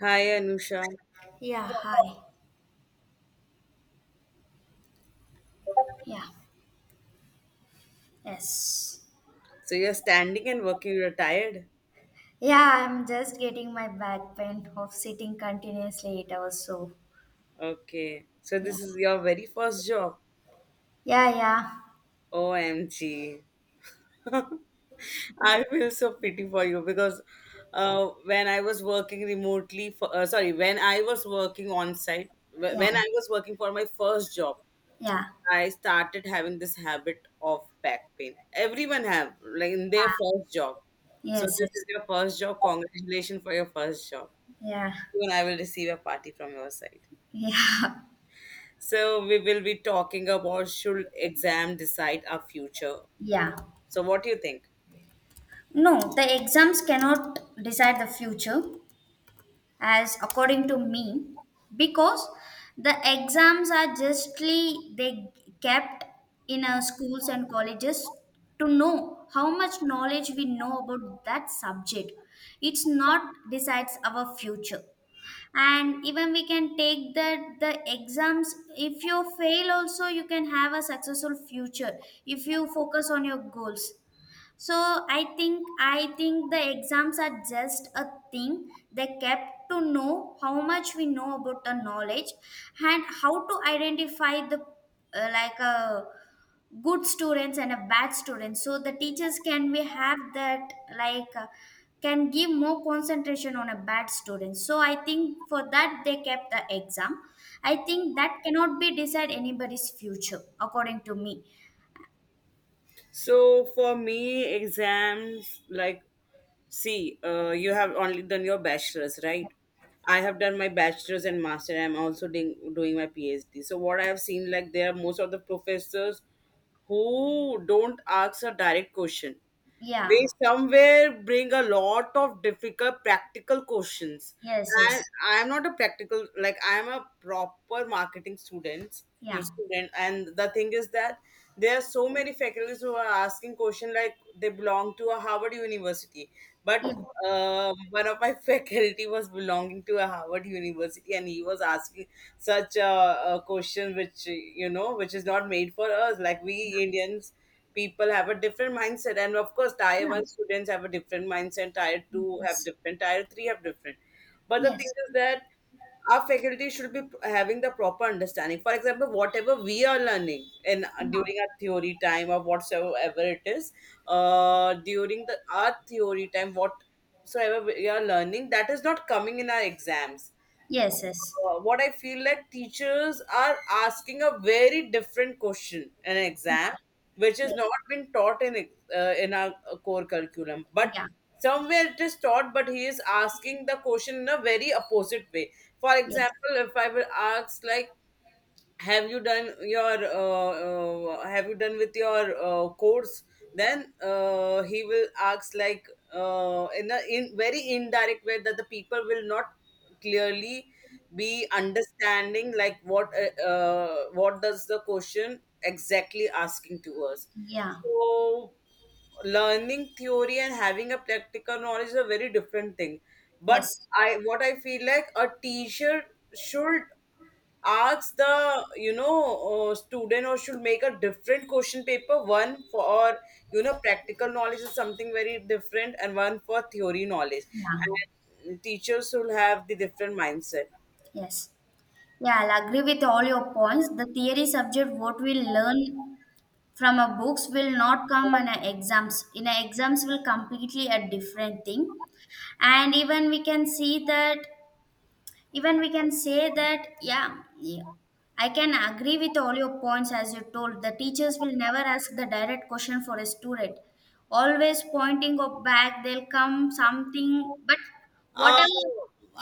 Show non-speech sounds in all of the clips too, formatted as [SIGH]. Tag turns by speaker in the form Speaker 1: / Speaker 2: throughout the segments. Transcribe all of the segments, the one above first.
Speaker 1: Hi, Anusha.
Speaker 2: Yeah, hi. Yeah, yes.
Speaker 1: So you're standing and working, you're tired?
Speaker 2: Yeah, I'm just getting my back pain of sitting continuously 8 hours. So,
Speaker 1: Okay. So
Speaker 2: yeah,
Speaker 1: this is your very first job.
Speaker 2: yeah, yeah,
Speaker 1: OMG. [LAUGHS] I feel so pity for you because when I was working remotely, when I was working on site,
Speaker 2: yeah,
Speaker 1: when I was working for my first job,
Speaker 2: yeah,
Speaker 1: I started having this habit of back pain. Everyone have, like in their first job. So
Speaker 2: yes,
Speaker 1: this is
Speaker 2: yes,
Speaker 1: your first job. Congratulations for your first job.
Speaker 2: yeah,
Speaker 1: Soon I will receive a party from your side.
Speaker 2: [LAUGHS] yeah,
Speaker 1: So we will be talking about should exam decide our future.
Speaker 2: yeah.
Speaker 1: So what do you think?
Speaker 2: No, the exams cannot decide the future, as according to me, because the exams are justly they kept in our schools and colleges to know how much knowledge we know about that subject. It's not decides our future, and even we can take that the exams if you fail also you can have a successful future if you focus on your goals. So I think the exams are just a thing they kept to know how much we know about the knowledge, and how to identify the like a good students and a bad students, so the teachers can we have that like can give more concentration on a bad student. So I think for that they kept the exam. I think that cannot be decide anybody's future, according to me.
Speaker 1: So for me, exams like see, you have only done your bachelor's, right? I have done my bachelor's and master. I'm also doing my PhD. So what I have seen, like there are most of the professors who don't ask a direct question. They
Speaker 2: Yeah,
Speaker 1: somewhere bring a lot of difficult practical questions,
Speaker 2: yes,
Speaker 1: and
Speaker 2: yes,
Speaker 1: I'm not a practical, like I'm a proper marketing student.
Speaker 2: yeah,
Speaker 1: Student, and the thing is that there are so many faculties who are asking question like they belong to a Harvard University. But
Speaker 2: yeah.
Speaker 1: one of my [LAUGHS] faculty was belonging to a Harvard University, and he was asking such a question which you know which is not made for us, like we Indians people have a different mindset, and of course tier
Speaker 2: Yeah.
Speaker 1: one students have a different mindset, tier two have
Speaker 2: Yes.
Speaker 1: different, tier three have different. But the thing
Speaker 2: Yes.
Speaker 1: is that our faculty should be having the proper understanding. For example, whatever we are learning in
Speaker 2: Yeah.
Speaker 1: during our theory time or whatsoever it is, during the our theory time, whatsoever we are learning, that is not coming in our exams.
Speaker 2: Yes. Yes.
Speaker 1: What I feel like teachers are asking a very different question in an exam, which is not been taught in in our core curriculum, but
Speaker 2: Yeah. Yeah.
Speaker 1: somewhere it is taught. But he is asking the question in a very opposite way. For
Speaker 2: Yes.
Speaker 1: example, if I will ask like have you done your have you done with your course, then he will ask like in a in very indirect way that the people will not clearly be understanding like what does the question exactly asking to us.
Speaker 2: Yeah.
Speaker 1: So learning theory and having a practical knowledge is a very different thing, but
Speaker 2: Yes.
Speaker 1: I what I feel like a teacher should ask the you know student or should make a different question paper, one for you know practical knowledge is something very different and one for theory knowledge,
Speaker 2: Yeah.
Speaker 1: and teachers will have the different mindset.
Speaker 2: Yes. Yeah, I'll agree with all your points. The theory subject, what we learn from our books, will not come in our exams. In our exams, will completely a different thing. And even we can see that, even we can say that, yeah, yeah, I can agree with all your points, as you told the teachers will never ask the direct question for a student, always pointing up back they'll come something, but
Speaker 1: Uh,
Speaker 2: whatever.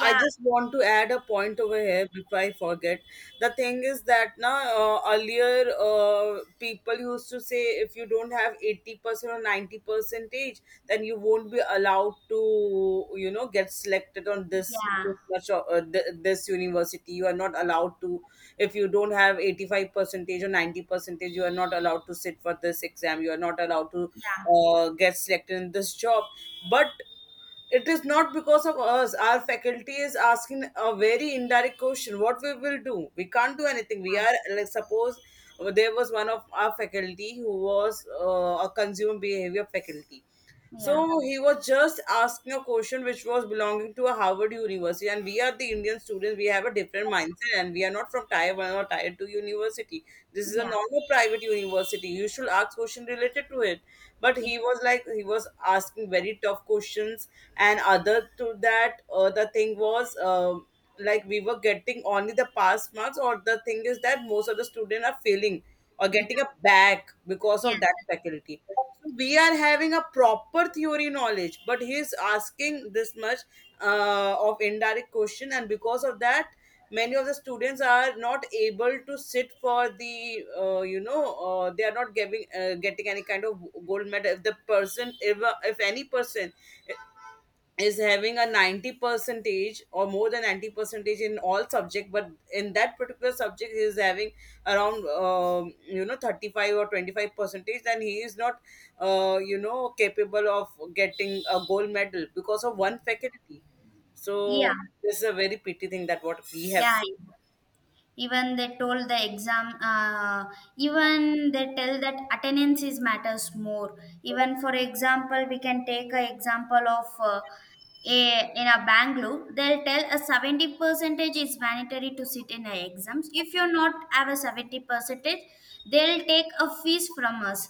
Speaker 1: I
Speaker 2: Yeah.
Speaker 1: just want to add a point over here before I forget. The thing is that now earlier people used to say if you don't have 80% or 90% percentage, then you won't be allowed to you know get selected on this
Speaker 2: Yeah.
Speaker 1: this much of, this university. You are not allowed to if you don't have 85% percentage or 90% percentage. You are not allowed to sit for this exam. You are not allowed to
Speaker 2: Yeah.
Speaker 1: get selected in this job. But it is not because of us. Our faculty is asking a very indirect question. What we will do? We can't do anything. We are like suppose there was one of our faculty who was a consumer behavior faculty.
Speaker 2: Yeah.
Speaker 1: So he was just asking a question which was belonging to a Harvard University, and we are the Indian students. We have a different mindset, and we are not from Tier One or Tier Two university. This is a
Speaker 2: Yeah.
Speaker 1: normal private university. You should ask question related to it. But he was like he was asking very tough questions, and other to that the thing was like we were getting only the pass marks, or the thing is that most of the students are failing or
Speaker 2: Yeah.
Speaker 1: getting a back because
Speaker 2: Yeah,
Speaker 1: of that
Speaker 2: yes.
Speaker 1: faculty. So we are having a proper theory knowledge, but he is asking this much of indirect question, and because of that many of the students are not able to sit for the you know they are not giving getting any kind of gold medal. If the person if any person is having a 90 percentage or more than 90 percentage in all subject, but in that particular subject he is having around you know 35 or 25 percentage, then he is not you know capable of getting a gold medal because of one faculty.
Speaker 2: Yeah.
Speaker 1: So this is a very pity thing that what we have.
Speaker 2: Yeah. Even they told the exam, even they tell that attendance is matters more. Even for example, we can take a example of in a Bangalore. They'll tell a 70 percentage is mandatory to sit in the exams. If you not have a 70 percentage, they'll take a fees from us.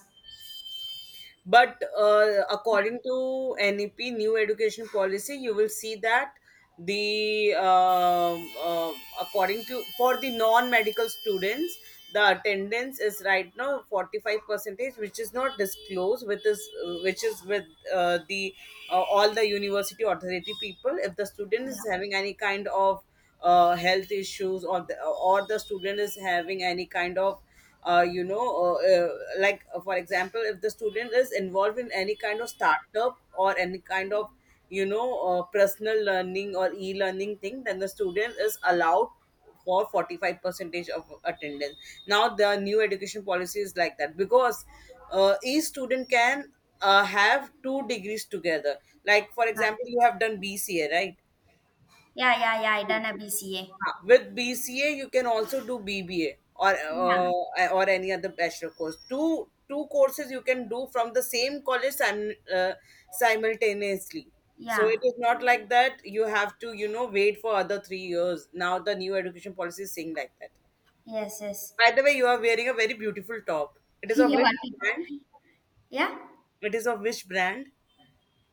Speaker 1: But according to NEP new education policy, you will see that the according to for the non-medical students, the attendance is right now 45 percentage, which is not disclosed, which is with the all the university authority people. If the student
Speaker 2: Yeah.
Speaker 1: is having any kind of health issues or the student is having any kind of uh, you know, uh, uh, like for example, if the student is involved in any kind of startup or any kind of, you know, personal learning or e-learning thing, then the student is allowed for 45 percentage of attendance. Now the new education policy is like that because each student can have 2 degrees together. Like for
Speaker 2: Yeah.
Speaker 1: example, you have done BCA, right?
Speaker 2: Yeah. Yeah, yeah, I done a BCA.
Speaker 1: Ah, with BCA, you can also do BBA
Speaker 2: Yeah.
Speaker 1: or any other bachelor course. Two courses you can do from the same college simultaneously. So it
Speaker 2: Yeah.
Speaker 1: is not like that you have to you know wait for other 3 years. Now the new education policy is saying like that.
Speaker 2: Yes. Yes.
Speaker 1: By the way, you are wearing a very beautiful top. It
Speaker 2: [LAUGHS]
Speaker 1: is of
Speaker 2: You
Speaker 1: which
Speaker 2: want
Speaker 1: brand?
Speaker 2: it? Yeah.
Speaker 1: It is of which brand?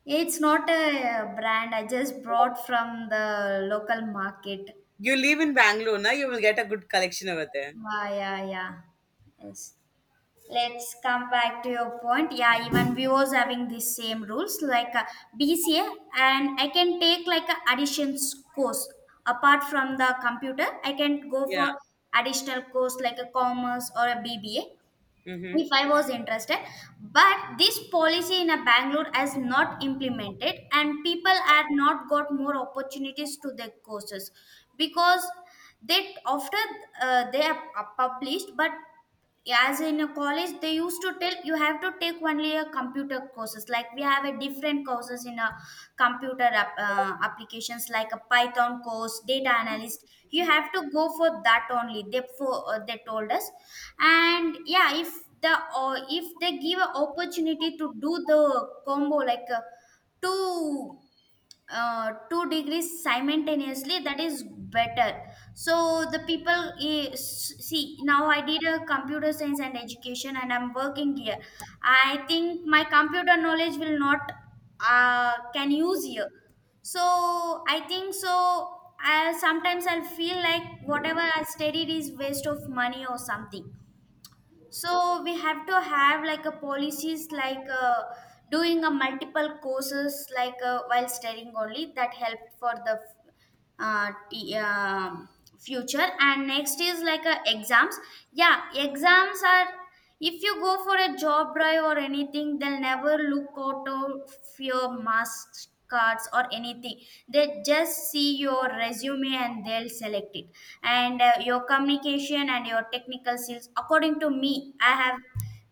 Speaker 2: It's not a brand. I just brought from the local market.
Speaker 1: You live in Bangalore, na? You will get a good collection over there.
Speaker 2: Yeah, yeah, yeah. Yes. Let's come back to your point. Yeah, even viewers having the same rules like BCA, and I can take like a additions course apart from the computer. I can go
Speaker 1: Yeah.
Speaker 2: for additional course like a commerce or a BBA,
Speaker 1: Mm-hmm.
Speaker 2: if I was interested. But this policy in a Bangalore has not implemented, and people had not got more opportunities to their courses, because they after they are published. But as in a college they used to tell you have to take only a computer courses. Like we have a different courses in a computer applications, like a python course, data analyst. You have to go for that only, they for they told us. And yeah, if the or if they give an opportunity to do the combo like two degrees simultaneously, that is better. So the people is, see, now I did a computer science and education and I'm working here. I think my computer knowledge will not can use here. So I think so, I sometimes I'll feel like whatever I studied is waste of money or something. So we have to have like a policies like doing a multiple courses like while studying only, that help for the uh, t- um future. And next is like exams. Yeah, exams are, if you go for a job drive or anything, they'll never look out of your mask cards or anything. They just see your resume and they'll select it. And your communication and your technical skills. According to me, I have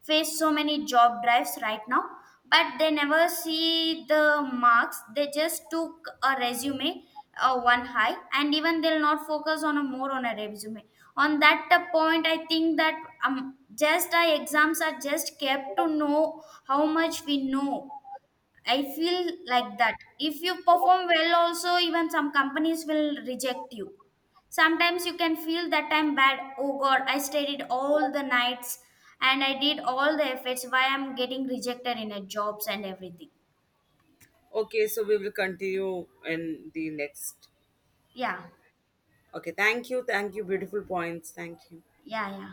Speaker 2: face so many job drives right now, but they never see the marks. They just took a resume one high, and even they'll not focus on a more on a resume. On that point, I think that um, just our exams are just kept to know how much we know. I feel like that. If you perform well, also, even some companies will reject you. Sometimes you can feel that I'm bad. Oh God, I studied all the nights and I did all the efforts. Why I'm getting rejected in a jobs and everything?
Speaker 1: Okay, so we will continue in the next.
Speaker 2: Yeah,
Speaker 1: Okay, thank you. Thank you. Beautiful points. Thank you.
Speaker 2: yeah, yeah.